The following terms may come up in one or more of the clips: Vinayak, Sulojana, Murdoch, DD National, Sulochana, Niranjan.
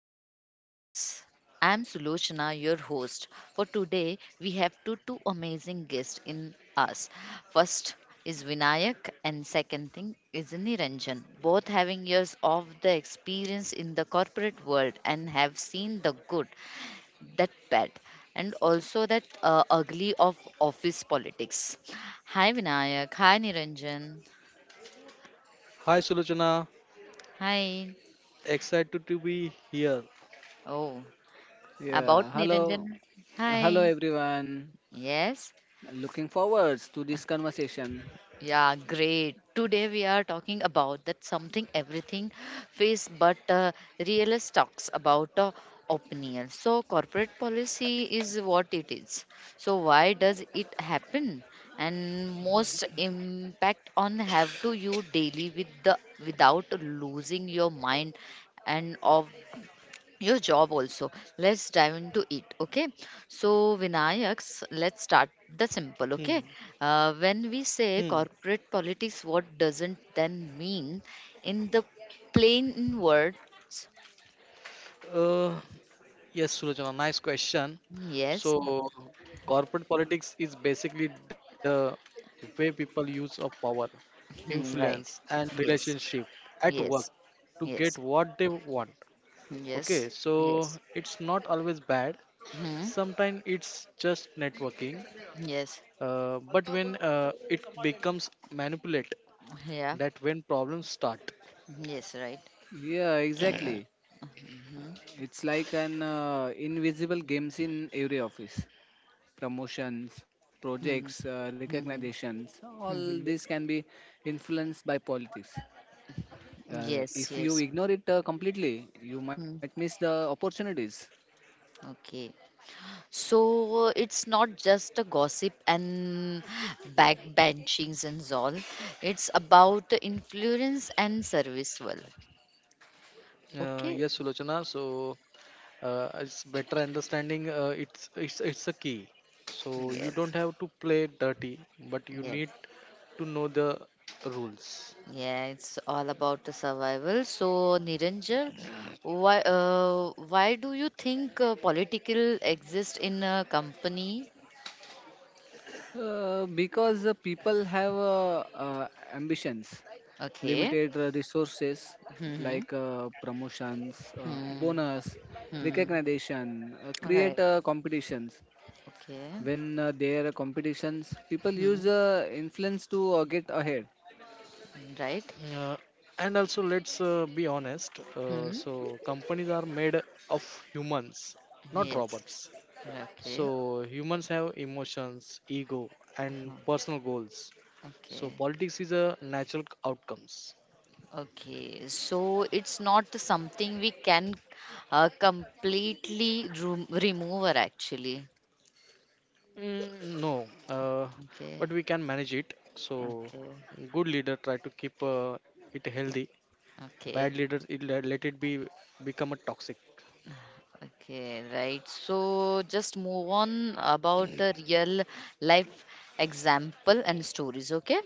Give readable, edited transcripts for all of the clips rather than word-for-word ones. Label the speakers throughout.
Speaker 1: Corporate Politics. I'm Sulochana, your host. For today, we have two amazing guests in us. First is Vinayak, and second thing is Niranjan. Both having years of the experience in the corporate world and have seen the good, that bad, and also that ugly of office politics. Hi Vinayak. Hi Niranjan.
Speaker 2: Hi Sulojana,
Speaker 1: Hi.
Speaker 2: excited to be here.
Speaker 1: Oh. About
Speaker 3: Yeah, hello,
Speaker 1: Niranjan.
Speaker 3: hello
Speaker 1: Hi.
Speaker 3: everyone.
Speaker 1: Yes.
Speaker 3: Looking forwards to this conversation.
Speaker 1: Yeah, great. Today we are talking about that something everything face but realist talks about opinion. So corporate policy is what it is. So why does it happen? And most impact on have to you daily with the without losing your mind and of your job also, let's dive into it. Okay, so Vinayaks, let's start the simple.
Speaker 2: Hmm.
Speaker 1: Okay, when we say
Speaker 2: Hmm.
Speaker 1: corporate politics, what doesn't then mean in the plain words?
Speaker 2: Uh, yes, Sulojana, nice question.
Speaker 1: Yes.
Speaker 2: So, Corporate politics is basically the way people use of power,
Speaker 1: Hmm,
Speaker 2: influence,
Speaker 1: right.
Speaker 2: and
Speaker 1: Yes.
Speaker 2: relationship at work
Speaker 1: Yes.
Speaker 2: to get
Speaker 1: Yes.
Speaker 2: what they want. Okay,
Speaker 1: Yes.
Speaker 2: so
Speaker 1: Yes.
Speaker 2: it's not always bad.
Speaker 1: Hmm.
Speaker 2: Sometimes it's just networking.
Speaker 1: Yes.
Speaker 2: But when it becomes manipulate,
Speaker 1: Yeah.
Speaker 2: that when problems start.
Speaker 1: Yes, right.
Speaker 3: Yeah, exactly.
Speaker 1: Hmm.
Speaker 3: It's like an invisible games in every office. Promotions, projects,
Speaker 1: Hmm. Hmm.
Speaker 3: recognitions, all
Speaker 1: Hmm.
Speaker 3: this
Speaker 1: Hmm.
Speaker 3: can be influenced by politics. If
Speaker 1: Yes,
Speaker 3: you
Speaker 1: yes.
Speaker 3: ignore it completely, you might
Speaker 1: Hmm.
Speaker 3: miss the opportunities.
Speaker 1: Okay. So it's not just a gossip and backbenchings and all. It's about influence and service. Well, okay.
Speaker 2: Yes, Sulochana. So it's better understanding. It's a key. So you
Speaker 1: Yes.
Speaker 2: don't have to play dirty, but you
Speaker 1: Yes.
Speaker 2: need to know the rules.
Speaker 1: Yeah. It's all about the survival. So Niranjan, why do you think political exist in a company?
Speaker 3: Because people have ambitions,
Speaker 1: Okay.
Speaker 3: limited resources
Speaker 1: Hmm.
Speaker 3: like promotions,
Speaker 1: Hmm.
Speaker 3: bonus,
Speaker 1: Hmm. Hmm.
Speaker 3: recognition, create
Speaker 1: Right.
Speaker 3: competitions.
Speaker 1: Okay.
Speaker 3: When there are competitions, people
Speaker 1: Hmm.
Speaker 3: use influence to get ahead.
Speaker 1: Hmm, right.
Speaker 2: Uh, and also, let's be honest.
Speaker 1: Hmm.
Speaker 2: So companies are made of humans, not
Speaker 1: Yes.
Speaker 2: robots. So
Speaker 1: Okay.
Speaker 2: humans have emotions, ego, and
Speaker 1: Hmm.
Speaker 2: personal goals. So
Speaker 1: Okay,
Speaker 2: politics is a natural outcomes.
Speaker 1: okay. So it's not something we can completely remove, or actually.
Speaker 2: No, but
Speaker 1: Okay,
Speaker 2: we can manage it.
Speaker 1: okay,
Speaker 2: Good leader try to keep it healthy. Bad
Speaker 1: okay,
Speaker 2: leaders it, let it be become a toxic.
Speaker 1: okay. Right. So just move on about a real life example and stories. Okay.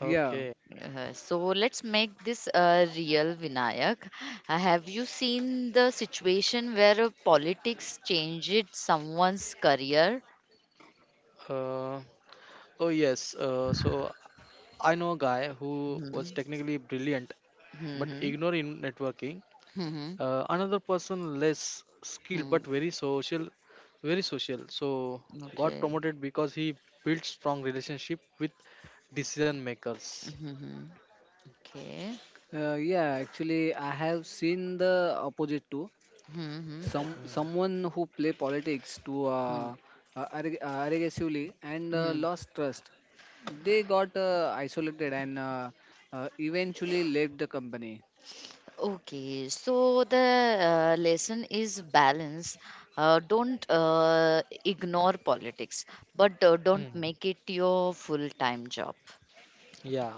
Speaker 3: Yeah,
Speaker 2: Okay.
Speaker 1: So let's make this a real Vinayak. Have you seen the situation where politics changed someone's career?
Speaker 2: Uh, oh yes. So I know a guy who was
Speaker 1: Mm-hmm.
Speaker 2: technically brilliant but
Speaker 1: Mm-hmm.
Speaker 2: ignore in networking.
Speaker 1: Mhm.
Speaker 2: Another person less skilled
Speaker 1: Mhm.
Speaker 2: but very social, very social. So got
Speaker 1: Okay.
Speaker 2: promoted because he built strong relationship with decision makers.
Speaker 1: Mhm. Okay.
Speaker 3: yeah. Actually, I have seen the opposite too.
Speaker 1: Mhm.
Speaker 3: Someone who play politics to
Speaker 1: Mhm.
Speaker 3: aggressively and
Speaker 1: Mhm.
Speaker 3: lost trust. They got isolated and eventually left the company.
Speaker 1: Okay, so the lesson is balance. Don't ignore politics, but don't
Speaker 2: Hmm.
Speaker 1: make it your full-time job.
Speaker 2: Yeah,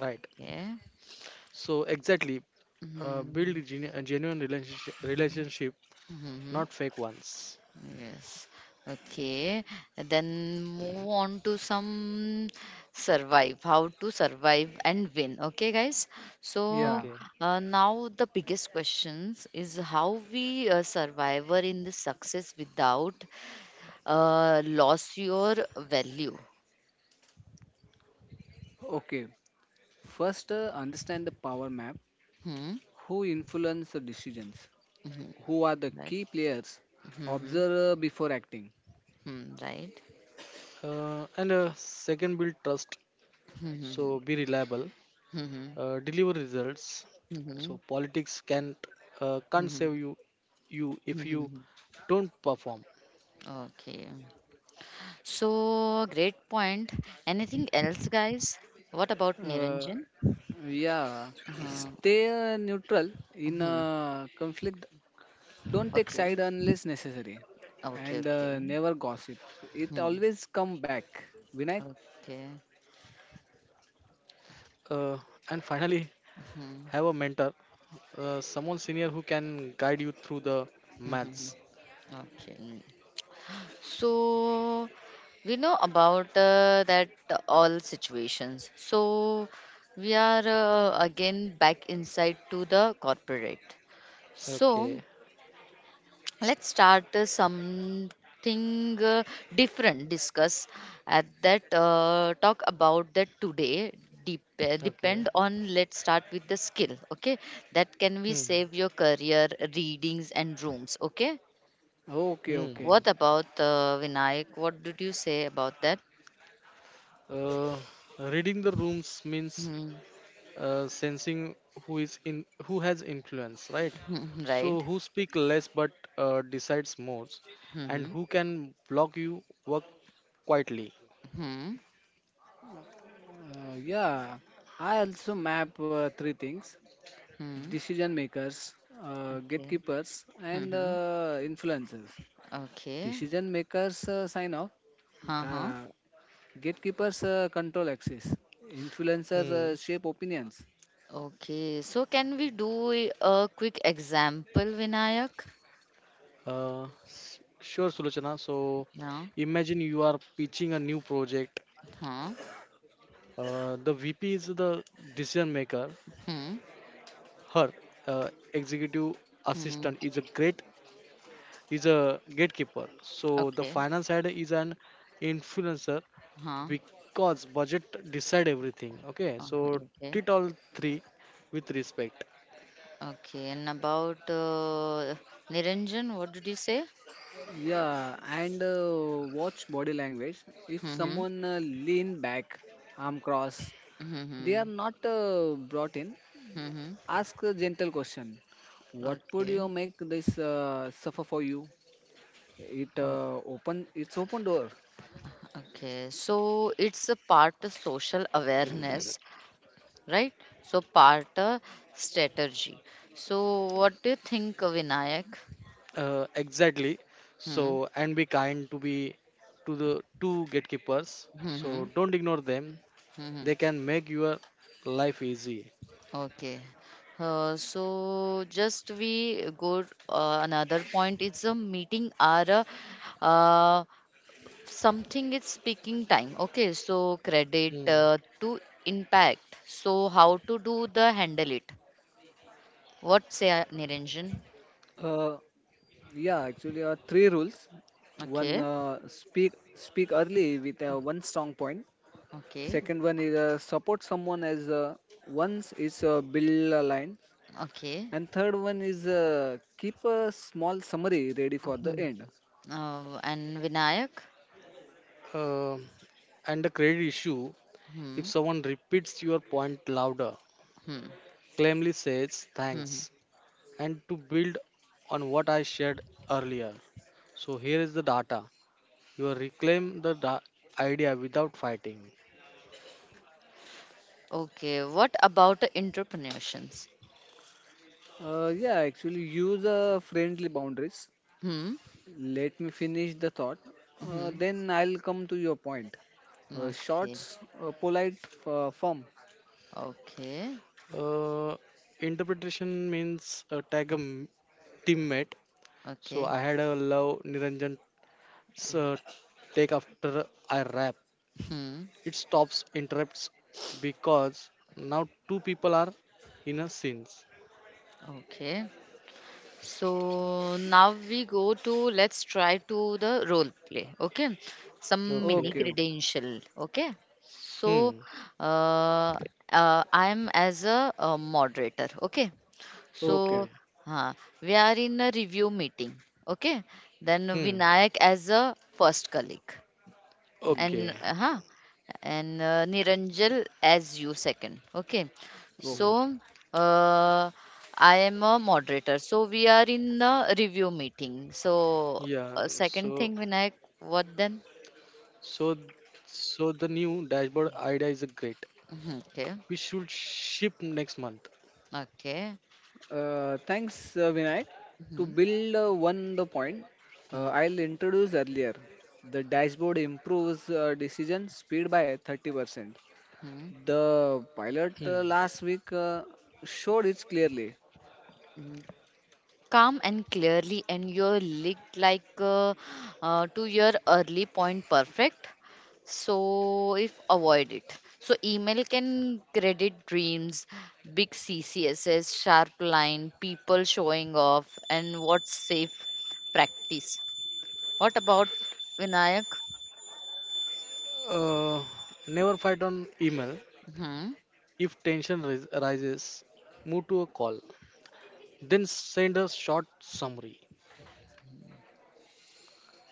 Speaker 2: right.
Speaker 1: Yeah.
Speaker 2: So exactly,
Speaker 1: Mm-hmm.
Speaker 2: build a genuine relationship, relationship,
Speaker 1: Mm-hmm.
Speaker 2: not fake ones.
Speaker 1: Yes. Okay. Then move on to some survive. How to survive and win. Okay, guys. So
Speaker 3: Yeah.
Speaker 2: Okay.
Speaker 1: now the biggest questions is how we survivor in the success without loss your value.
Speaker 3: Okay, first understand the power map.
Speaker 1: Hmm.
Speaker 3: Who influence the decisions?
Speaker 1: Hmm,
Speaker 3: Who are the
Speaker 1: right.
Speaker 3: key players?
Speaker 1: Hmm. Hmm.
Speaker 3: Observe before acting.
Speaker 1: Hmm, right.
Speaker 2: And Second, build trust.
Speaker 1: Hmm.
Speaker 2: So
Speaker 1: Hmm.
Speaker 2: be reliable.
Speaker 1: Hmm. Hmm. Hmm. Hmm.
Speaker 2: Deliver results.
Speaker 1: Hmm. Hmm,
Speaker 2: So politics can't
Speaker 1: hmm,
Speaker 2: save you
Speaker 1: hmm,
Speaker 2: if you
Speaker 1: hmm.
Speaker 2: don't perform.
Speaker 1: Okay. So, great point. Anything else, guys? What about
Speaker 3: Uh,
Speaker 1: Niranjan?
Speaker 3: yeah,
Speaker 1: Uh,
Speaker 3: stay neutral in
Speaker 1: hmm.
Speaker 3: conflict. Don't take side
Speaker 1: Okay.
Speaker 3: unless necessary,
Speaker 1: Okay.
Speaker 3: and
Speaker 1: Okay.
Speaker 3: never gossip. It
Speaker 1: Hmm.
Speaker 3: always come back. Vinayak.
Speaker 1: Okay.
Speaker 2: Uh, and finally, have a
Speaker 1: Hmm.
Speaker 2: mentor, someone senior who can guide you through the
Speaker 1: Hmm,
Speaker 2: maths.
Speaker 1: hmm, hmm. Okay. So, we know about that all situations. So, we are again back inside to the corporate. So,
Speaker 2: Okay.
Speaker 1: let's start something uh, different discuss at that talk about that today. Dep- uh,
Speaker 2: Okay.
Speaker 1: depend on, let's start with the skill. Okay, that can we
Speaker 2: Hmm.
Speaker 1: save your career readings and rooms? Okay,
Speaker 3: Okay,
Speaker 2: Hmm.
Speaker 3: okay.
Speaker 1: what about Vinayak? What did you say about that?
Speaker 2: Uh, Reading the rooms means
Speaker 1: Hmm.
Speaker 2: sensing who is in who has influence, right?
Speaker 1: Hmm, hmm,
Speaker 2: So
Speaker 1: right.
Speaker 2: who speak less but decides more, and
Speaker 1: Hmm.
Speaker 2: who can block you work quietly.
Speaker 1: Hmm.
Speaker 3: Yeah, I also map three things.
Speaker 1: Hmm. Hmm,
Speaker 3: Decision makers,
Speaker 1: okay.
Speaker 3: gatekeepers,
Speaker 1: Hmm.
Speaker 3: and
Speaker 1: Hmm,
Speaker 3: influencers.
Speaker 1: okay.
Speaker 3: Decision makers sign off,
Speaker 1: Huh, huh.
Speaker 3: uh, gatekeepers control access, influencers
Speaker 2: Hmm.
Speaker 3: shape opinions.
Speaker 1: Okay, so can we do a quick example, Vinayak?
Speaker 2: Sure, Sulochana. So
Speaker 1: Yeah.
Speaker 2: imagine you are pitching a new project.
Speaker 1: Huh.
Speaker 2: The VP is the decision maker.
Speaker 1: Hmm.
Speaker 2: Her uh, executive assistant
Speaker 1: Hmm.
Speaker 2: is a gatekeeper. So the finance
Speaker 1: Okay.
Speaker 2: head is an influencer
Speaker 1: Huh.
Speaker 2: because budget decide everything. Okay,
Speaker 1: Uh,
Speaker 2: so treat
Speaker 1: okay.
Speaker 2: all three with respect.
Speaker 1: Okay. And about Niranjan, what did you say?
Speaker 3: Yeah, and watch body language. If
Speaker 1: Mm-hmm.
Speaker 3: someone lean back, arm cross, they
Speaker 1: Mm-hmm.
Speaker 3: are not brought in.
Speaker 1: Mm-hmm.
Speaker 3: Ask a gentle question. What would
Speaker 1: Okay.
Speaker 3: you make this suffer for you? It
Speaker 1: Oh,
Speaker 3: open. It's open door.
Speaker 1: okay. So it's a part of social awareness, right? So part of strategy. So what do you think, Vinayak?
Speaker 2: Exactly.
Speaker 1: Hmm.
Speaker 2: So and be kind to the two gatekeepers. So
Speaker 1: Mm-hmm.
Speaker 2: don't ignore them. They can make your life easy.
Speaker 1: Okay. So just we go another point, it's a meeting or a, uh, something, it's speaking time. Okay, so credit
Speaker 2: Mm.
Speaker 1: to impact, so how to do the handle it? What say, Niranjan?
Speaker 3: Uh, Yeah, actually, three rules. One,
Speaker 1: Okay.
Speaker 3: speak early with one strong point. Second
Speaker 1: Okay.
Speaker 3: one is support someone as once is build a line.
Speaker 1: Okay.
Speaker 3: And third one is keep a small summary ready for the
Speaker 1: Hmm.
Speaker 3: end.
Speaker 1: And Vinayak?
Speaker 2: Uh, and the credit issue,
Speaker 1: Hmm.
Speaker 2: if someone repeats your point louder,
Speaker 1: Hmm.
Speaker 2: claimly says
Speaker 1: Hmm.
Speaker 2: thanks. And to build on what I shared earlier, so here is the data. You reclaim the idea without fighting.
Speaker 1: Okay, what about entrepreneurs?
Speaker 3: Yeah, actually, use friendly boundaries.
Speaker 1: Hmm.
Speaker 3: Let me finish the thought.
Speaker 1: Hmm.
Speaker 3: Then I'll come to your point.
Speaker 1: Okay.
Speaker 3: Shorts, polite, firm.
Speaker 1: Okay,
Speaker 2: Uh, Interpretation means tag a teammate. So
Speaker 1: okay,
Speaker 2: I had a love Niranjan uh, take after I rap.
Speaker 1: hmm,
Speaker 2: It stops interrupts because now two people are in a scene.
Speaker 1: okay. So now we go to, let's try to the role play. Okay, some
Speaker 3: Okay,
Speaker 1: mini
Speaker 3: okay,
Speaker 2: Okay.
Speaker 1: credential. Okay, so
Speaker 2: Hmm.
Speaker 1: uh, I'm as a, uh, moderator. Okay,
Speaker 3: okay.
Speaker 1: so
Speaker 2: Okay.
Speaker 1: huh, we are in a review meeting. Okay, then
Speaker 2: Hmm.
Speaker 1: Vinayak as a first colleague.
Speaker 3: Hmm,
Speaker 2: Okay.
Speaker 1: and uh, huh and
Speaker 2: So,
Speaker 1: Niranjal as you second. Okay,
Speaker 3: okay.
Speaker 2: yeah.
Speaker 1: so uh, I am a moderator. So we are in a review meeting. So
Speaker 2: Yeah.
Speaker 1: second
Speaker 2: So
Speaker 1: thing, Vinayak, what then?
Speaker 2: So, so the new dashboard idea is a great.
Speaker 1: Mhm,
Speaker 2: We
Speaker 1: okay,
Speaker 2: should ship next month.
Speaker 1: okay.
Speaker 3: Thanks, Vinayak. To
Speaker 1: Mm-hmm.
Speaker 3: build one the point,
Speaker 1: Mm-hmm.
Speaker 3: I'll introduce earlier. The dashboard improves decision speed by 30%.
Speaker 1: Mm-hmm.
Speaker 3: The
Speaker 2: Hmm.
Speaker 3: pilot last week showed it clearly.
Speaker 1: Calm and clearly and your look like to your early point perfect. So if avoid it, so email can credit dreams, big ccss sharp line, people showing off, and what's safe practice? What about Vinayak?
Speaker 2: Uh, Never fight on email.
Speaker 1: Hmm.
Speaker 2: If tension rises, move to a call. Then send a short summary.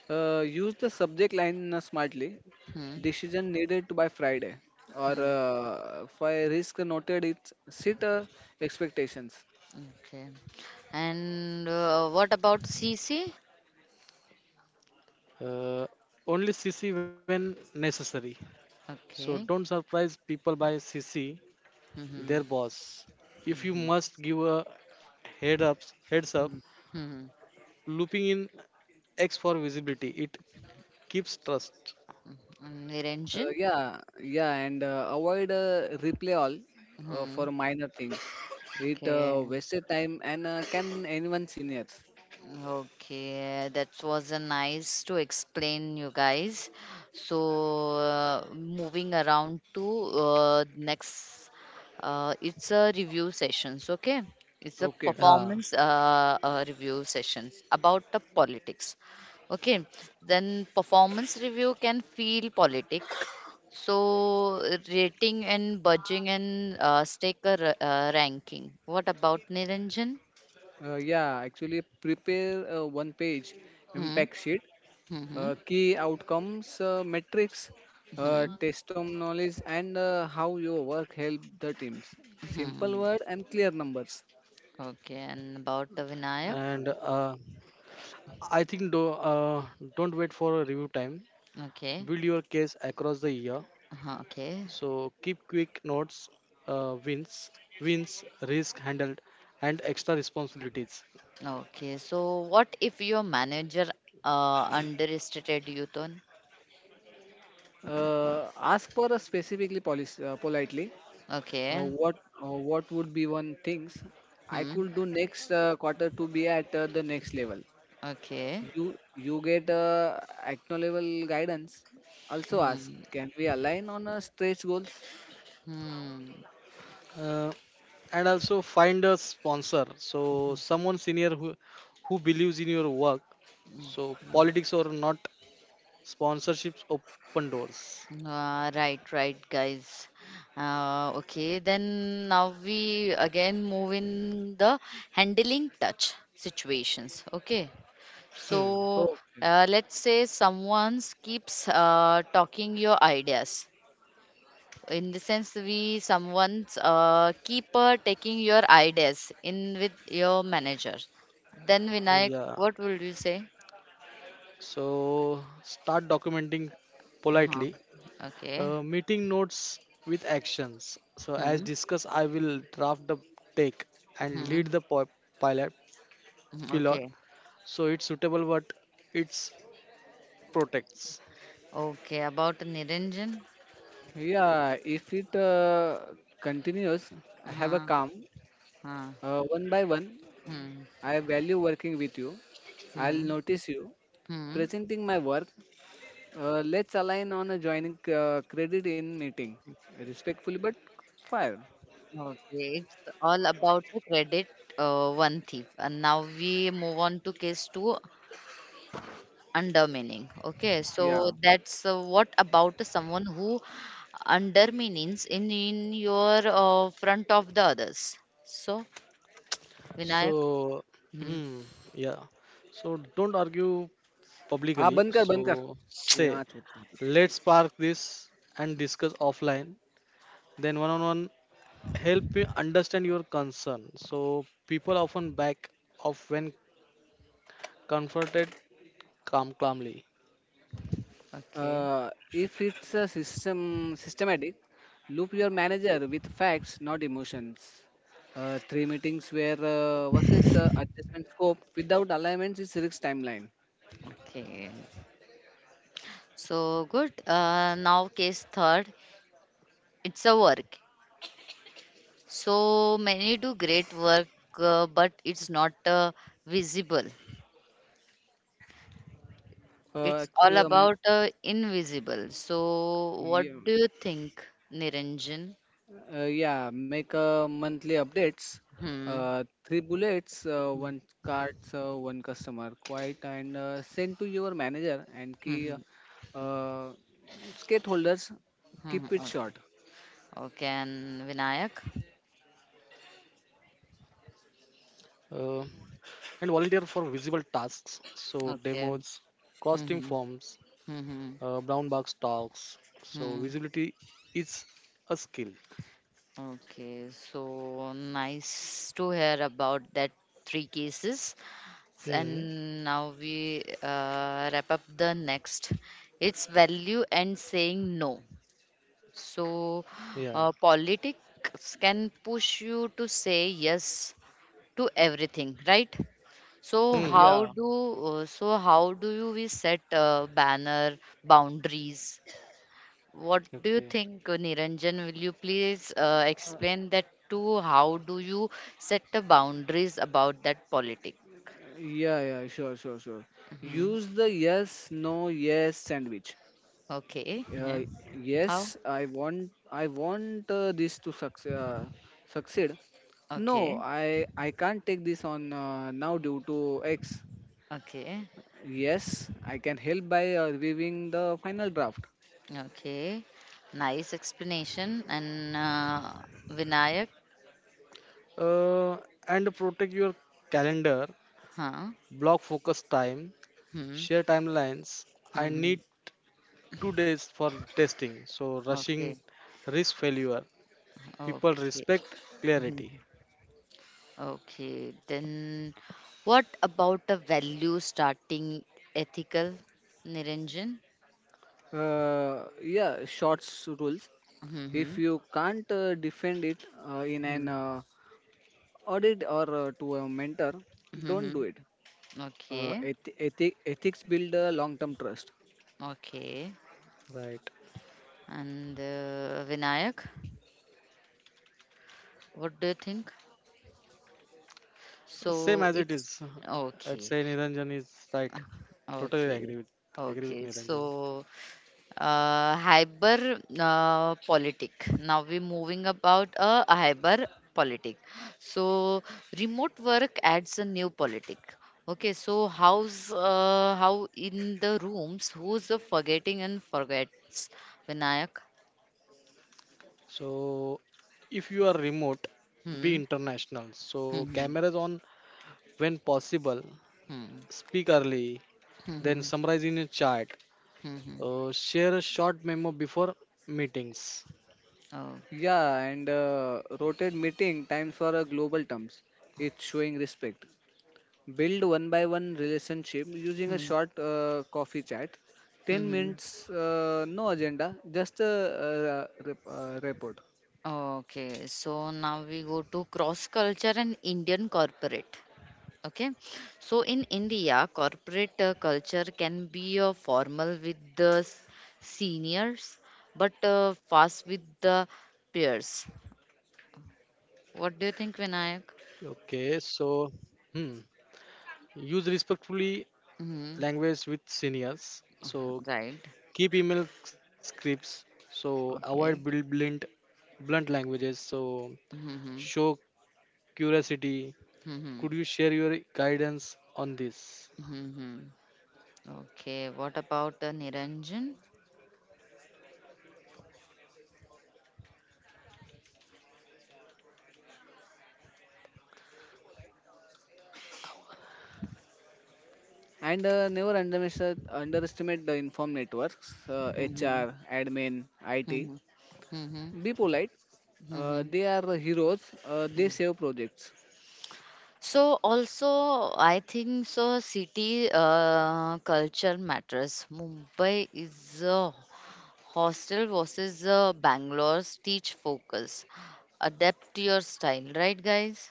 Speaker 3: Use the subject line smartly.
Speaker 1: Hmm.
Speaker 3: Decision needed by Friday. Or
Speaker 1: Hmm.
Speaker 3: for risk noted, it's set expectations.
Speaker 1: Okay. And what about C C?
Speaker 2: Uh, Only CC when necessary. So don't
Speaker 1: Okay.
Speaker 2: surprise people by CC
Speaker 1: Hmm. Hmm.
Speaker 2: their boss. If you
Speaker 1: Hmm.
Speaker 2: must give a heads up,
Speaker 1: Hmm, hmm.
Speaker 2: looping in X for visibility. It keeps trust.
Speaker 1: Mhm, Niranjan?
Speaker 3: Yeah, and avoid replay all
Speaker 1: Mhm,
Speaker 3: for minor things. It
Speaker 1: okay.
Speaker 3: wasted time and can anyone senior.
Speaker 1: Okay, that was a nice to explain you guys. So moving around to next, it's a review sessions. Okay, it's a
Speaker 3: Okay,
Speaker 2: Yeah.
Speaker 1: performance review sessions about the politics. Okay, then performance review can feel politic. So rating and budging and stake a ranking. What about Niranjan?
Speaker 3: yeah, actually prepare one page
Speaker 1: Hmm.
Speaker 3: impact sheet,
Speaker 1: Hmm. Hmm.
Speaker 3: key outcomes metrics,
Speaker 1: Hmm.
Speaker 3: test on knowledge, and how your work helped the teams. Simple
Speaker 1: Hmm.
Speaker 3: word and clear numbers.
Speaker 1: Okay, and about the Vinayak?
Speaker 2: and I think do, Don't wait for a review time,
Speaker 1: Okay.
Speaker 2: build your case across the year,
Speaker 1: Uh-huh,
Speaker 2: so
Speaker 1: okay.
Speaker 2: keep quick notes, uh, wins wins, risk handled, and extra responsibilities.
Speaker 1: Okay. So what if your manager uh, underestimated you, Ton?
Speaker 3: Ask for a specifically policy, politely. Uh,
Speaker 1: Okay.
Speaker 3: what what would be one things I
Speaker 1: Hmm.
Speaker 3: could do next quarter to be at the next level?
Speaker 1: Okay.
Speaker 3: You get acknowledgeable guidance. Also ask,
Speaker 1: Hmm.
Speaker 3: can we align on stretch goals?
Speaker 1: Hmm.
Speaker 2: uh, and also find a sponsor, so someone senior who believes in your work. So politics or not, sponsorships open doors.
Speaker 1: Ah, right, right, guys. Okay, then now we again move in the handling touch situations. Okay, so
Speaker 2: hmm.
Speaker 3: Oh.
Speaker 1: let's say someone keeps talking your ideas, in the sense we someone's keep taking your ideas in with your manager, then Vinayak,
Speaker 2: yeah
Speaker 1: what would you say?
Speaker 2: so start documenting
Speaker 1: Huh.
Speaker 2: politely.
Speaker 1: Okay.
Speaker 2: Meeting notes with actions. So, as
Speaker 1: Hmm.
Speaker 2: discussed, I will draft the take and lead
Speaker 1: Hmm.
Speaker 2: the pilot
Speaker 1: Hmm.
Speaker 2: pilot.
Speaker 1: Okay.
Speaker 2: So it's suitable but it's protects.
Speaker 1: Okay, about Niranjan?
Speaker 3: Yeah, if it continues, have a
Speaker 1: Huh.
Speaker 3: calm.
Speaker 1: Huh.
Speaker 3: One by one,
Speaker 1: Hmm.
Speaker 3: I value working with you. I'll
Speaker 1: Hmm.
Speaker 3: notice you
Speaker 1: Hmm.
Speaker 3: presenting my work. Let's align on a joining credit in meeting. Respectfully, but fire.
Speaker 1: Okay, it's all about the credit one thief, and now we move on to case two, undermining. Okay, so
Speaker 3: Yeah.
Speaker 1: that's what about someone who undermines in your front of the others? So Vinayak?
Speaker 2: So,
Speaker 1: Hmm.
Speaker 2: hmm, yeah. So don't argue
Speaker 3: हाँ
Speaker 2: publicly.
Speaker 3: बंद कर
Speaker 2: So
Speaker 3: तेरे
Speaker 2: say,
Speaker 3: वहाँ छूटना
Speaker 2: let's park this and discuss offline. Then one on one, help me understand your concern. So people often back off when confronted calmly.
Speaker 1: Okay.
Speaker 3: If it's a system systematic. Loop your manager with facts not emotions, three meetings where versus adjustment scope without alignments is risk timeline.
Speaker 1: Okay, so good. Now case third, it's a work. So many do great work, but it's not visible, it's all
Speaker 3: Actually
Speaker 1: about invisible. So what
Speaker 3: yeah.
Speaker 1: do you think, Niranjan?
Speaker 3: Yeah, make monthly updates.
Speaker 1: Hmm.
Speaker 3: Three bullets,
Speaker 1: Hmm.
Speaker 3: one cards, one customer. Quite and send to your manager and
Speaker 1: Hmm.
Speaker 3: key
Speaker 1: Hmm.
Speaker 3: uh, stakeholders. Keep
Speaker 1: Mhm.
Speaker 3: it short.
Speaker 1: Okay. Okay. And Vinayak?
Speaker 2: Uh, and volunteer for visible tasks, so demos,
Speaker 1: Okay.
Speaker 2: cross team
Speaker 1: Mm-hmm.
Speaker 2: forms,
Speaker 1: Mm-hmm.
Speaker 2: brown box talks. So
Speaker 1: Hmm, hmm,
Speaker 2: visibility is a skill.
Speaker 1: hmm. Okay. So nice to hear about that three cases. And
Speaker 2: hmm
Speaker 1: now we wrap up the next. It's value and saying no. So
Speaker 2: yeah
Speaker 1: politics can push you to say yes to everything, right? So
Speaker 2: hmm
Speaker 1: how
Speaker 3: Yeah.
Speaker 1: do so how do you we set banner boundaries? What do you
Speaker 2: okay
Speaker 1: think, Niranjan? Will you please explain that to how do you set the boundaries about that politic?
Speaker 3: Yeah, sure.
Speaker 1: Hmm.
Speaker 3: Use the yes, no, yes sandwich.
Speaker 1: Okay.
Speaker 3: Uh,
Speaker 1: Mhm. How?
Speaker 3: yes, I want this to succeed. Succeed. No,
Speaker 1: Okay.
Speaker 3: I can't take this on now due to X.
Speaker 1: Okay.
Speaker 3: Yes, I can help by reviewing the final draft.
Speaker 1: Okay. Nice explanation. And Vinayak?
Speaker 2: uh, and protect your calendar,
Speaker 1: Huh?
Speaker 2: block focus time,
Speaker 1: Hmm.
Speaker 2: share timelines. I
Speaker 1: Hmm. Hmm.
Speaker 2: need 2 days for testing, so rushing
Speaker 1: Okay.
Speaker 2: risk failure. People
Speaker 1: Okay.
Speaker 2: respect
Speaker 1: Hmm.
Speaker 2: clarity,
Speaker 1: Okay, then what about the value starting ethical, Niranjan?
Speaker 3: Yeah, shorts rules.
Speaker 1: Mm-hmm.
Speaker 3: If you can't defend it in an audit or to a mentor, don't
Speaker 1: Mm-hmm.
Speaker 3: do it.
Speaker 1: Okay,
Speaker 3: Ethics build a long-term trust.
Speaker 1: okay.
Speaker 2: right?
Speaker 1: And Vinayak, what do you think?
Speaker 2: Same
Speaker 1: So
Speaker 2: as it
Speaker 1: it's
Speaker 2: is. I'd
Speaker 1: okay,
Speaker 2: say Niranjan is right. Totally
Speaker 1: okay,
Speaker 2: agree with
Speaker 1: okay.
Speaker 2: Niranjan.
Speaker 1: So hyper politic. Now we're moving about a hyper politic. So remote work adds a new politic. Okay, so how's how in the rooms? Who's forgetting and forgets? Vinayak.
Speaker 2: So if you are remote, be
Speaker 1: Hmm.
Speaker 2: international. So
Speaker 1: Hmm.
Speaker 2: cameras on when possible.
Speaker 1: Hmm.
Speaker 2: Speak early.
Speaker 1: Hmm.
Speaker 2: Then
Speaker 1: Hmm.
Speaker 2: summarize in a chart.
Speaker 1: Hmm. Hmm. Hmm.
Speaker 2: Share a short memo before meetings.
Speaker 1: Oh.
Speaker 3: Yeah, and rotate meeting times for global terms. It's showing respect. Build one by one relationship using a
Speaker 1: Hmm.
Speaker 3: short coffee chat, 10
Speaker 1: Hmm. Hmm.
Speaker 3: minutes no agenda, just a report.
Speaker 1: Okay, so now we go to cross culture and Indian corporate. Okay, so in India, corporate culture can be formal with the seniors, but fast with the peers. What do you think, Vinayak?
Speaker 2: Okay. So hmm. Use respectfully
Speaker 1: Hmm,
Speaker 2: language with seniors. So
Speaker 1: right.
Speaker 2: keep email scripts, so avoid
Speaker 1: Okay.
Speaker 2: blunt languages. So
Speaker 1: Mm-hmm.
Speaker 2: show curiosity.
Speaker 1: Mm-hmm.
Speaker 2: Could you share your guidance on this?
Speaker 1: Mm-hmm. Okay. What about Niranjan?
Speaker 3: And never underestimate the inform networks,
Speaker 1: Mm-hmm.
Speaker 3: HR, admin, it,
Speaker 1: Mm-hmm. Mm-hmm.
Speaker 3: be polite.
Speaker 1: Mm-hmm.
Speaker 3: They are heroes, they
Speaker 1: Mm-hmm.
Speaker 3: save projects.
Speaker 1: So also, I think so. City culture matters. Mumbai is a hostel versus Bangalore's teach focus. Adapt your style, right, guys?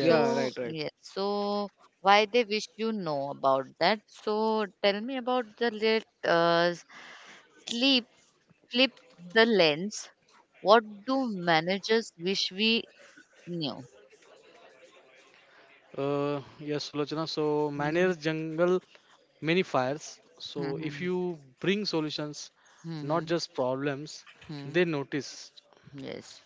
Speaker 3: yeah right right
Speaker 1: yes. So why they wish you know about that? So tell me about the let sleep flip the lens. What do managers wish we knew?
Speaker 2: uh yes Sulochana. So
Speaker 1: Mm-hmm.
Speaker 2: manage jungle many fires. So
Speaker 1: Hmm,
Speaker 2: if
Speaker 1: hmm,
Speaker 2: you bring solutions,
Speaker 1: hmm,
Speaker 2: not
Speaker 1: hmm,
Speaker 2: just problems,
Speaker 1: hmm.
Speaker 2: they notice.
Speaker 1: Yes,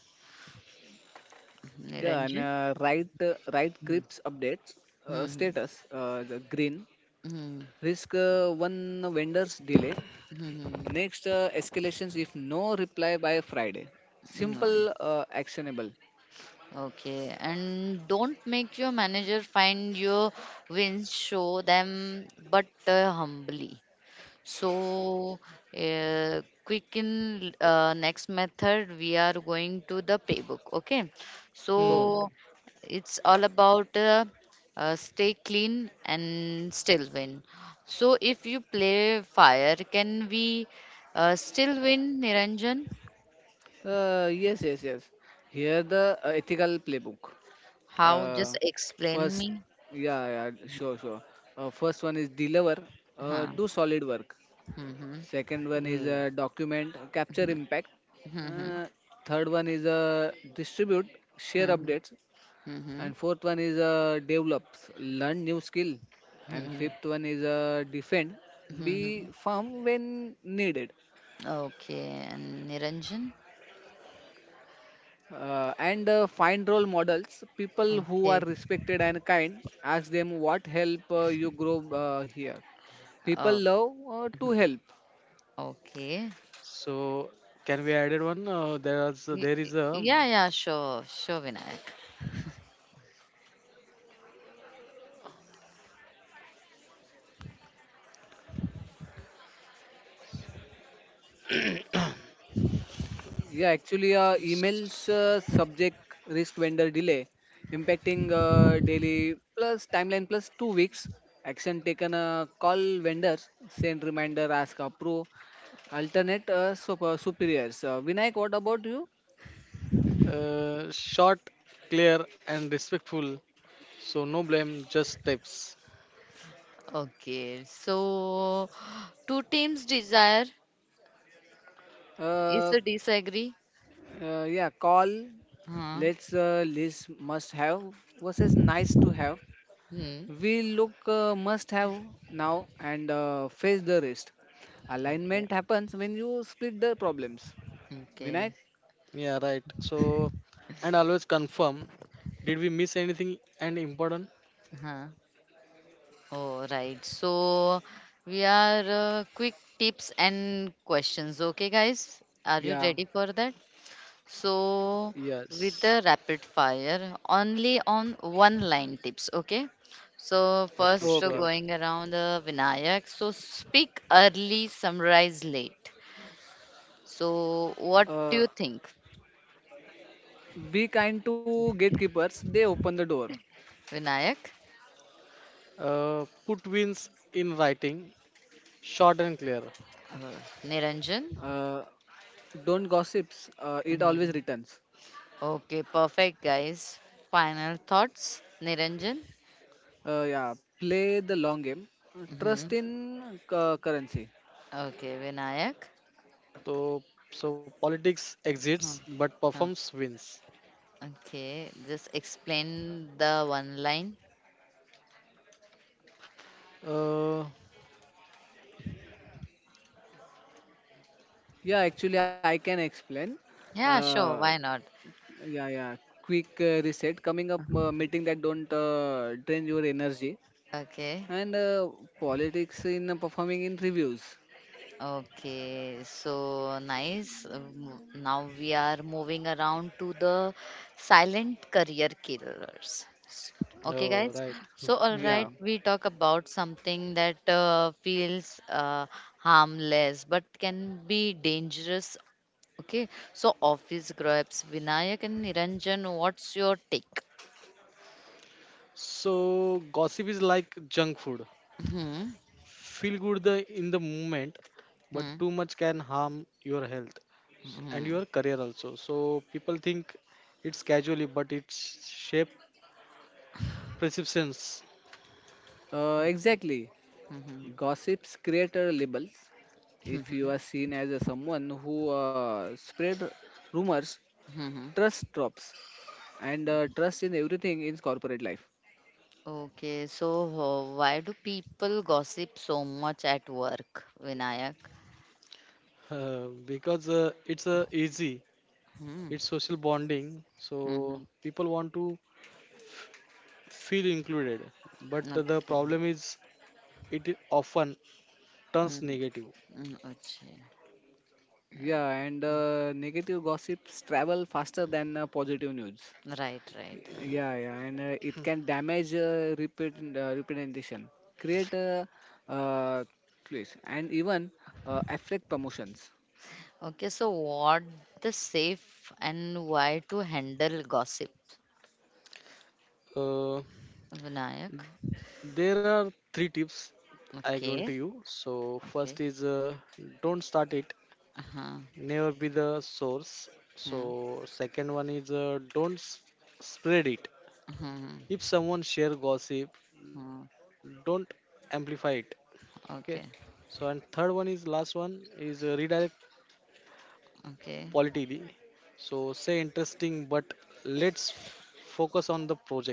Speaker 3: yeah and
Speaker 1: Niranjan.
Speaker 3: right
Speaker 1: Mhm.
Speaker 3: crips updates,
Speaker 1: Mhm.
Speaker 3: status the green
Speaker 1: Mhm.
Speaker 3: risk, one vendor's delay.
Speaker 1: Mhm.
Speaker 3: Next, escalations if no reply by Friday.
Speaker 1: Mhm.
Speaker 3: Simple, actionable.
Speaker 1: Okay, and don't make your manager find your wins, show them, but humbly. So, quick in next method, we are going to the playbook. Okay, so
Speaker 2: Hmm.
Speaker 3: Okay.
Speaker 1: it's all about stay clean and still win. So, if you play fire, can we still win, Niranjan?
Speaker 3: Yes. Here the ethical playbook.
Speaker 1: How?
Speaker 3: Uh,
Speaker 1: Just explain
Speaker 3: first,
Speaker 1: me.
Speaker 3: yeah, yeah, sure, sure. First one is deliver,
Speaker 1: Huh.
Speaker 3: do solid work.
Speaker 1: Mm-hmm.
Speaker 3: Second one is
Speaker 2: Hmm.
Speaker 3: document, capture impact.
Speaker 1: Mm-hmm. Mm-hmm.
Speaker 3: Uh, third one is distribute, share updates.
Speaker 1: Mm-hmm.
Speaker 3: And fourth one is develops, learn new skill. And
Speaker 1: Mm-hmm.
Speaker 3: fifth one is defend, be
Speaker 1: Mm-hmm.
Speaker 3: firm when needed.
Speaker 1: Okay, and Niranjan?
Speaker 3: And find role models, people who are
Speaker 1: Okay.
Speaker 3: respected and kind. Ask them what help you grow. Here
Speaker 1: Oh,
Speaker 3: people love to help.
Speaker 1: okay.
Speaker 2: So can we added one? There is a
Speaker 1: Yeah, yeah, sure, sure, Vinayak.
Speaker 3: Yeah, actually, emails subject, risk vendor delay, impacting daily plus timeline plus 2 weeks. Action taken, call vendors, send reminder, ask approve, alternate superiors. Vinayak, what about you?
Speaker 2: Short, clear, and respectful. So no blame, just tips.
Speaker 1: Okay, so two teams desire. Is
Speaker 3: Uh,
Speaker 1: the disagree?
Speaker 3: yeah, call,
Speaker 1: Huh.
Speaker 3: let's list must have versus nice to have.
Speaker 1: Hmm.
Speaker 3: We look must have now and face the rest.
Speaker 1: Okay.
Speaker 3: Alignment happens when you split the problems.
Speaker 1: Okay.
Speaker 3: Vinayak?
Speaker 2: Yeah, right. So and always confirm. Did we miss anything and important?
Speaker 1: Huh. Oh, right. So we are quick tips and questions. Okay, guys. Are you
Speaker 3: Yeah.
Speaker 1: ready for that? So with
Speaker 2: Yes.
Speaker 1: the rapid fire, only on one line tips. Okay. So
Speaker 3: Okay,
Speaker 2: Okay,
Speaker 3: okay.
Speaker 1: first
Speaker 2: sure.
Speaker 1: going around Vinayak. So speak early, summarize late. So what
Speaker 3: Uh,
Speaker 1: do you think,
Speaker 3: be kind to gatekeepers. They open the door.
Speaker 1: Vinayak?
Speaker 2: Put wins in writing, short and clear.
Speaker 1: Uh, Niranjan?
Speaker 3: Uh, don't gossips. It always
Speaker 1: Mhm.
Speaker 3: returns.
Speaker 1: Okay, perfect, guys. Final thoughts, Niranjan.
Speaker 3: Yeah. Play the long game. Trust
Speaker 1: Hmm.
Speaker 3: in currency.
Speaker 1: Okay, Vinayak.
Speaker 2: So so politics
Speaker 1: Oh,
Speaker 2: exits but
Speaker 1: oh,
Speaker 2: performs wins.
Speaker 1: okay, just explain the one line.
Speaker 2: Uh,
Speaker 3: Yeah, actually, I can explain.
Speaker 1: Yeah,
Speaker 3: Uh,
Speaker 1: sure, why not?
Speaker 3: yeah, yeah. Quick reset. Coming up meeting that don't drain your energy.
Speaker 1: Okay,
Speaker 3: And politics in performing in reviews.
Speaker 1: okay, so nice. Now we are moving around to the silent career killers. Okay,
Speaker 2: oh
Speaker 1: guys.
Speaker 2: right.
Speaker 1: So, all
Speaker 2: Hmm.
Speaker 1: right,
Speaker 3: Yeah.
Speaker 1: we talk about something that feels harmless but can be dangerous. Okay, so office grabs, Vinayak and Niranjan, what's your take?
Speaker 2: So gossip is like junk food.
Speaker 1: Hmm.
Speaker 2: Feel good in the moment, but
Speaker 1: Hmm.
Speaker 2: too much can harm your health, and
Speaker 1: Hmm.
Speaker 2: your career also. So people think it's casually, but it's shape perceptions.
Speaker 3: Exactly.
Speaker 1: Hmm.
Speaker 3: Gossips create labels. If you
Speaker 1: Hmm.
Speaker 3: are seen as a someone who spread rumors,
Speaker 1: Hmm.
Speaker 3: trust drops, and trust in everything in corporate life.
Speaker 1: Okay, so why do people gossip so much at work, Vinayak?
Speaker 2: Because it's easy.
Speaker 1: Hmm.
Speaker 2: It's social bonding, so
Speaker 1: Hmm.
Speaker 2: people want to feel included. But the
Speaker 1: Okay.
Speaker 2: problem is it often turns
Speaker 1: Hmm.
Speaker 2: negative.
Speaker 1: Hmm. Okay.
Speaker 3: Yeah, and
Speaker 1: Hmm.
Speaker 3: negative gossips travel faster than positive news.
Speaker 1: Right, right.
Speaker 3: Yeah, and it can damage representation, create uh, place, and even affect promotions.
Speaker 1: Okay, so what the safe and why to handle gossip,
Speaker 2: Uh,
Speaker 1: Vinayak?
Speaker 2: there are three tips I given to
Speaker 1: Okay,
Speaker 2: you. So first
Speaker 1: okay.
Speaker 2: is don't start it.
Speaker 1: Uh-huh.
Speaker 2: Never be the source.
Speaker 1: Hmm.
Speaker 2: So second one is don't s- spread it.
Speaker 1: Uh-huh,
Speaker 2: If someone share gossip,
Speaker 1: hmm. Hmm.
Speaker 2: don't amplify it, okay? So
Speaker 1: Okay,
Speaker 2: and third one is last one is redirect
Speaker 1: okay.
Speaker 2: politically. So say interesting, but let's focus on the project.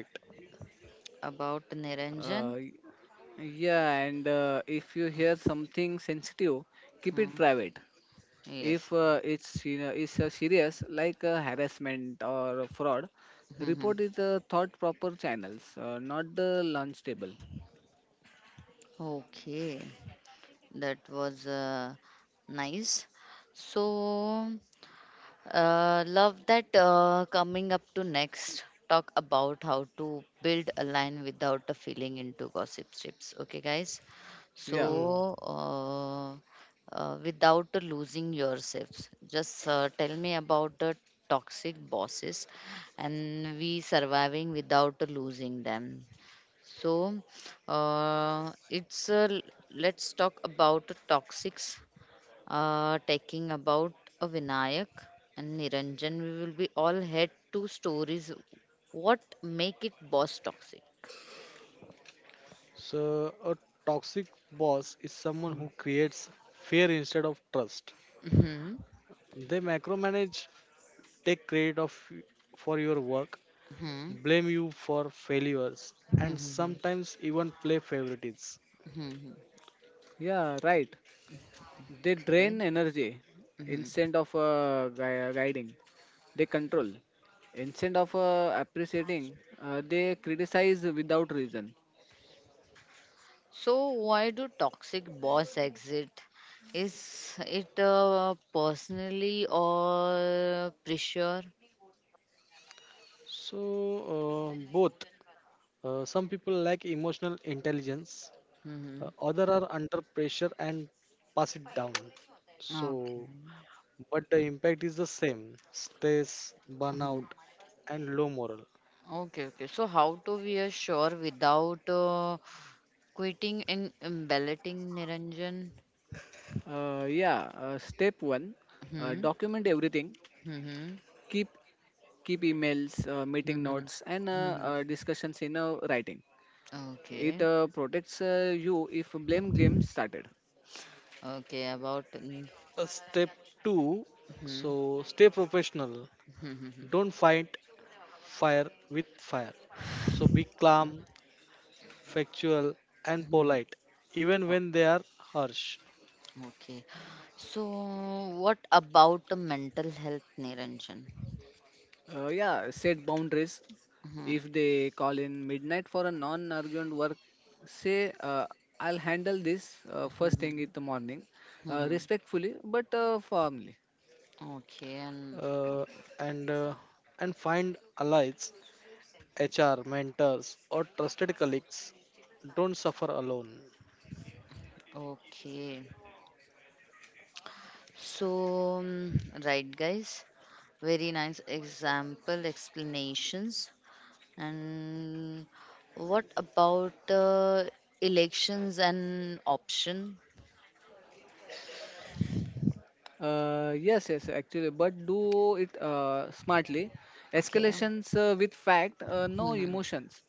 Speaker 1: About
Speaker 3: Uh,
Speaker 1: Niranjan?
Speaker 3: Yeah, and if you hear something sensitive, keep it
Speaker 1: Hmm.
Speaker 3: private. If
Speaker 1: Yes.
Speaker 3: it's you know it's serious like harassment or a fraud,
Speaker 1: Hmm.
Speaker 3: report it thought proper channels, not the lunch table.
Speaker 1: Okay, that was nice. So. Love that coming up to next talk about how to build a line without a feeling into gossip strips. Okay, guys.
Speaker 3: Yeah,
Speaker 2: Hmm.
Speaker 1: So, without losing yourselves, just tell me about the toxic bosses and we surviving without losing them. So, it's let's talk about the toxics talking about a Vinayak and Niranjan. We will be all head to stories. What make it boss toxic?
Speaker 2: So a toxic boss is someone who creates fear instead of trust.
Speaker 1: Hmm.
Speaker 2: They macromanage, take credit of for your work,
Speaker 1: Hmm.
Speaker 2: blame you for failures, and
Speaker 1: Hmm.
Speaker 2: sometimes even play favorites.
Speaker 1: Hmm.
Speaker 3: yeah, right. They
Speaker 1: Okay.
Speaker 3: drain energy
Speaker 1: Hmm.
Speaker 3: instead of guiding. They control instead of appreciating. They criticize without reason.
Speaker 1: So why do toxic boss exit? Is it personally or pressure?
Speaker 2: So, Both. Some people lack emotional intelligence,
Speaker 1: Hmm.
Speaker 2: other are under pressure and pass it down. So,
Speaker 1: Okay.
Speaker 2: but the impact is the same: stress, burnout,
Speaker 1: Mhm.
Speaker 2: and low moral.
Speaker 1: Okay, okay. So how to we are sure without quitting and balloting, Niranjan.
Speaker 3: Yeah, step one,
Speaker 1: Hmm.
Speaker 3: document everything.
Speaker 1: Hmm. Hmm.
Speaker 3: Keep emails, meeting notes,
Speaker 1: Hmm.
Speaker 3: and
Speaker 1: Hmm, hmm, hmm.
Speaker 3: discussions in writing. It
Speaker 1: Okay.
Speaker 3: protects you if blame game started.
Speaker 1: Okay. About. Mm,
Speaker 2: Step two.
Speaker 1: hmm.
Speaker 2: So, stay professional.
Speaker 1: Hmm. Hmm. Hmm, hmm,
Speaker 2: Don't fight fire with fire. So, be calm, factual, and
Speaker 1: hmm.
Speaker 2: polite, even
Speaker 1: Oh,
Speaker 2: when they are harsh.
Speaker 1: okay. So, what about the mental health, Niranjan?
Speaker 3: Yeah, set boundaries.
Speaker 1: Hmm.
Speaker 3: If they call in midnight for a non urgent work, say, uh, I'll handle this
Speaker 1: Hmm.
Speaker 3: first thing
Speaker 1: Hmm.
Speaker 3: in the morning,
Speaker 1: Hmm, hmm.
Speaker 3: respectfully but firmly.
Speaker 1: Okay. And
Speaker 2: Uh, and uh, and find allies, HR, mentors, or trusted colleagues. Don't suffer alone.
Speaker 1: okay. So, mm, right, guys. Very nice example explanations. And what about elections and option?
Speaker 3: Yes, actually, but do it smartly.
Speaker 1: Okay.
Speaker 3: Escalations with fact, no
Speaker 1: Hmm.
Speaker 3: emotions.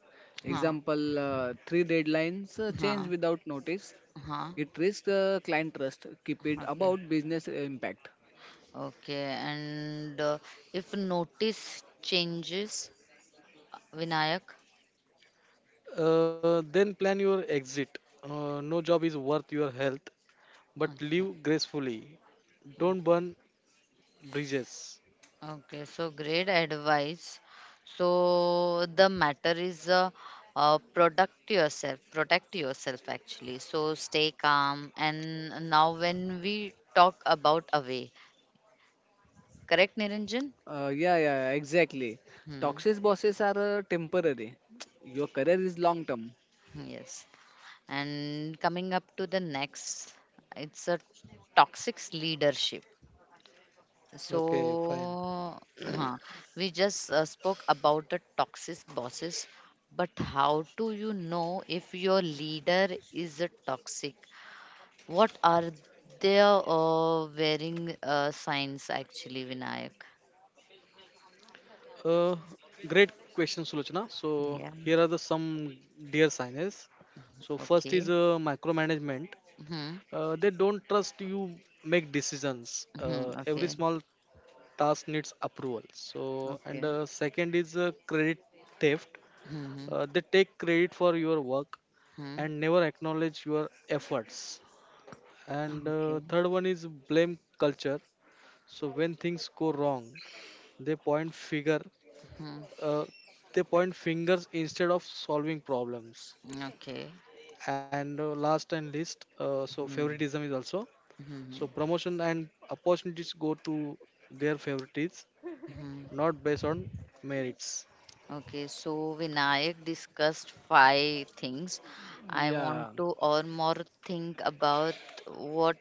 Speaker 1: Huh.
Speaker 3: Example, three deadlines change
Speaker 1: Huh.
Speaker 3: without notice.
Speaker 1: Huh.
Speaker 3: It risks client trust. Keep it
Speaker 1: Okay.
Speaker 3: about business impact.
Speaker 1: Okay. And if notice changes, Vinayak.
Speaker 2: Then plan your exit. No job is worth your health, but
Speaker 1: Acha.
Speaker 2: live gracefully.
Speaker 1: Hmm.
Speaker 2: Don't burn bridges.
Speaker 1: Okay. So great advice. So the matter is protect yourself. Protect yourself actually. So stay calm. And now when we talk about away. Correct, Niranjan?
Speaker 3: Yeah, exactly.
Speaker 1: Hmm.
Speaker 3: Toxic bosses are temporary. Your career is long term.
Speaker 1: Yes. And coming up to the next, it's a toxic leadership.
Speaker 2: Okay, fine.
Speaker 1: So, huh, we just spoke about the toxic bosses, but how do you know if your leader is a toxic? What are their wearing signs actually, Vinayak?
Speaker 2: Uh, Great question, Sulochana. So
Speaker 1: Yeah.
Speaker 2: here are the some dear signers. So first is
Speaker 1: Okay.
Speaker 2: micromanagement.
Speaker 1: Hmm.
Speaker 2: They don't trust you make decisions.
Speaker 1: Hmm.
Speaker 2: Every
Speaker 1: Okay.
Speaker 2: small task needs approval. So and
Speaker 1: Okay.
Speaker 2: Second is credit theft.
Speaker 1: Hmm.
Speaker 2: They take credit for your work
Speaker 1: Hmm. Hmm.
Speaker 2: and never acknowledge your efforts. And
Speaker 1: Okay.
Speaker 2: third one is blame culture. So when things go wrong, they point figure
Speaker 1: Mhm.
Speaker 2: uh, they point fingers instead of solving problems.
Speaker 1: Okay.
Speaker 2: And last and least,
Speaker 1: Mhm.
Speaker 2: favoritism is also. So
Speaker 1: Mhm.
Speaker 2: promotion and opportunities go to their favorites,
Speaker 1: Mhm.
Speaker 2: not based on merits.
Speaker 1: Okay, so Vinayak discussed five things. I
Speaker 3: Yeah,
Speaker 1: want to or more think about what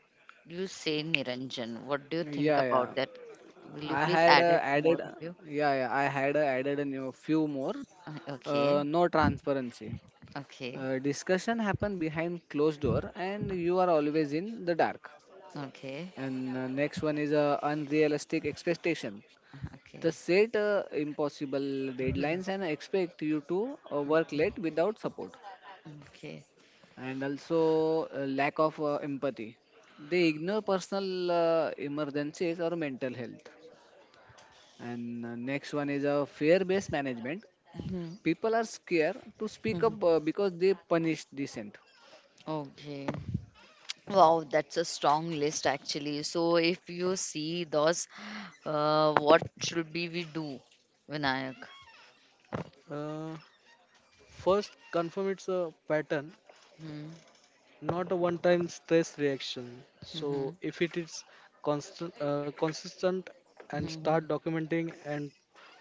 Speaker 1: you say, Niranjan. What do you think
Speaker 3: yeah.
Speaker 1: about that? Will you
Speaker 3: I
Speaker 1: please
Speaker 3: had
Speaker 1: add it more of you?
Speaker 3: added a new few more.
Speaker 1: Okay,
Speaker 3: No transparency.
Speaker 1: okay,
Speaker 3: Discussion happen behind closed door and you are always in the dark.
Speaker 1: okay,
Speaker 3: And next one is unrealistic expectation. The
Speaker 1: okay,
Speaker 3: set impossible
Speaker 1: mhm.
Speaker 3: deadlines and expect you to work late without support.
Speaker 1: Okay,
Speaker 3: And also lack of empathy, they ignore personal emergencies or mental health. And next one is a fear based management,
Speaker 1: mhm.
Speaker 3: people are scared to speak
Speaker 1: Mhm.
Speaker 3: up because they punish dissent.
Speaker 1: Okay. Wow, that's a strong list actually. So if you see those, what should be we do, Vinayak?
Speaker 2: Uh, First, confirm it's a pattern,
Speaker 1: Hmm.
Speaker 2: not a one time stress reaction.
Speaker 1: Hmm.
Speaker 2: So, if it is constant, consistent,
Speaker 1: Hmm.
Speaker 2: and start
Speaker 1: Hmm.
Speaker 2: documenting and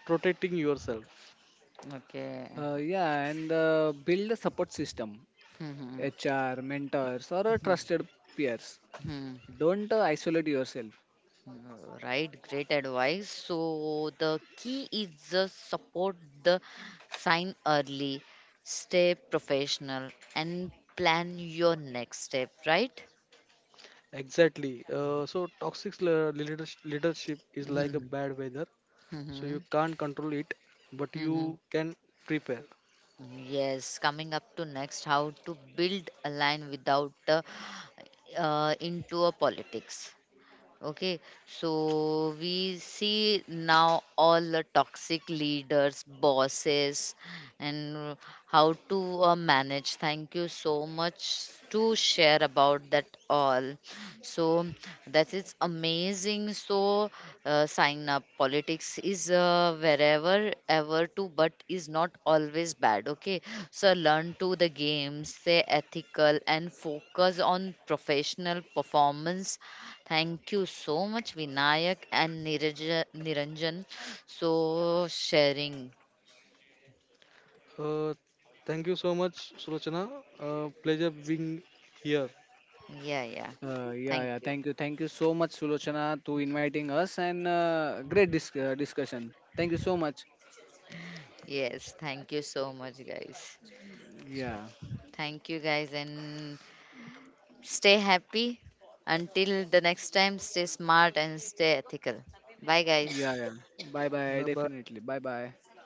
Speaker 2: protecting yourself.
Speaker 1: Okay.
Speaker 3: Yeah, and build a support system,
Speaker 1: Hmm. Hmm.
Speaker 3: HR, mentors, or a
Speaker 1: Hmm,
Speaker 3: trusted peers.
Speaker 1: hmm, hmm.
Speaker 3: Don't isolate yourself.
Speaker 1: Right, great advice. So the key is just support the sign early, stay professional, and plan your next step. Right?
Speaker 2: Exactly. So toxic leadership is like a
Speaker 1: Hmm.
Speaker 2: bad weather.
Speaker 1: Hmm.
Speaker 2: So,
Speaker 1: Hmm,
Speaker 2: you can't control it, but
Speaker 1: hmm, hmm.
Speaker 2: you can prepare.
Speaker 1: Yes, coming up to next, how to build a line without into a politics. Okay, so we see now all the toxic leaders, bosses, and how to manage. Thank you so much to share about that all. So that is amazing. So sign up politics is wherever ever to but is not always bad. Okay, so learn to the game, stay ethical, and focus on professional performance. Thank you so much Vinayak and Niranjan. So sharing,
Speaker 2: Uh, Thank you so much, Sulochana. Pleasure being here.
Speaker 1: yeah, yeah, thank
Speaker 3: Yeah.
Speaker 1: you.
Speaker 3: Thank you so much, Sulochana, to inviting us and great discussion. Thank you so much.
Speaker 1: Yes, thank you so much guys.
Speaker 3: Yeah,
Speaker 1: Thank you guys, and stay happy. Until the next time, stay smart and stay ethical. Bye
Speaker 3: yeah,
Speaker 1: guys.
Speaker 3: yeah. Bye, bye.
Speaker 2: Bye
Speaker 3: Definitely.
Speaker 2: bye.
Speaker 3: Bye, bye.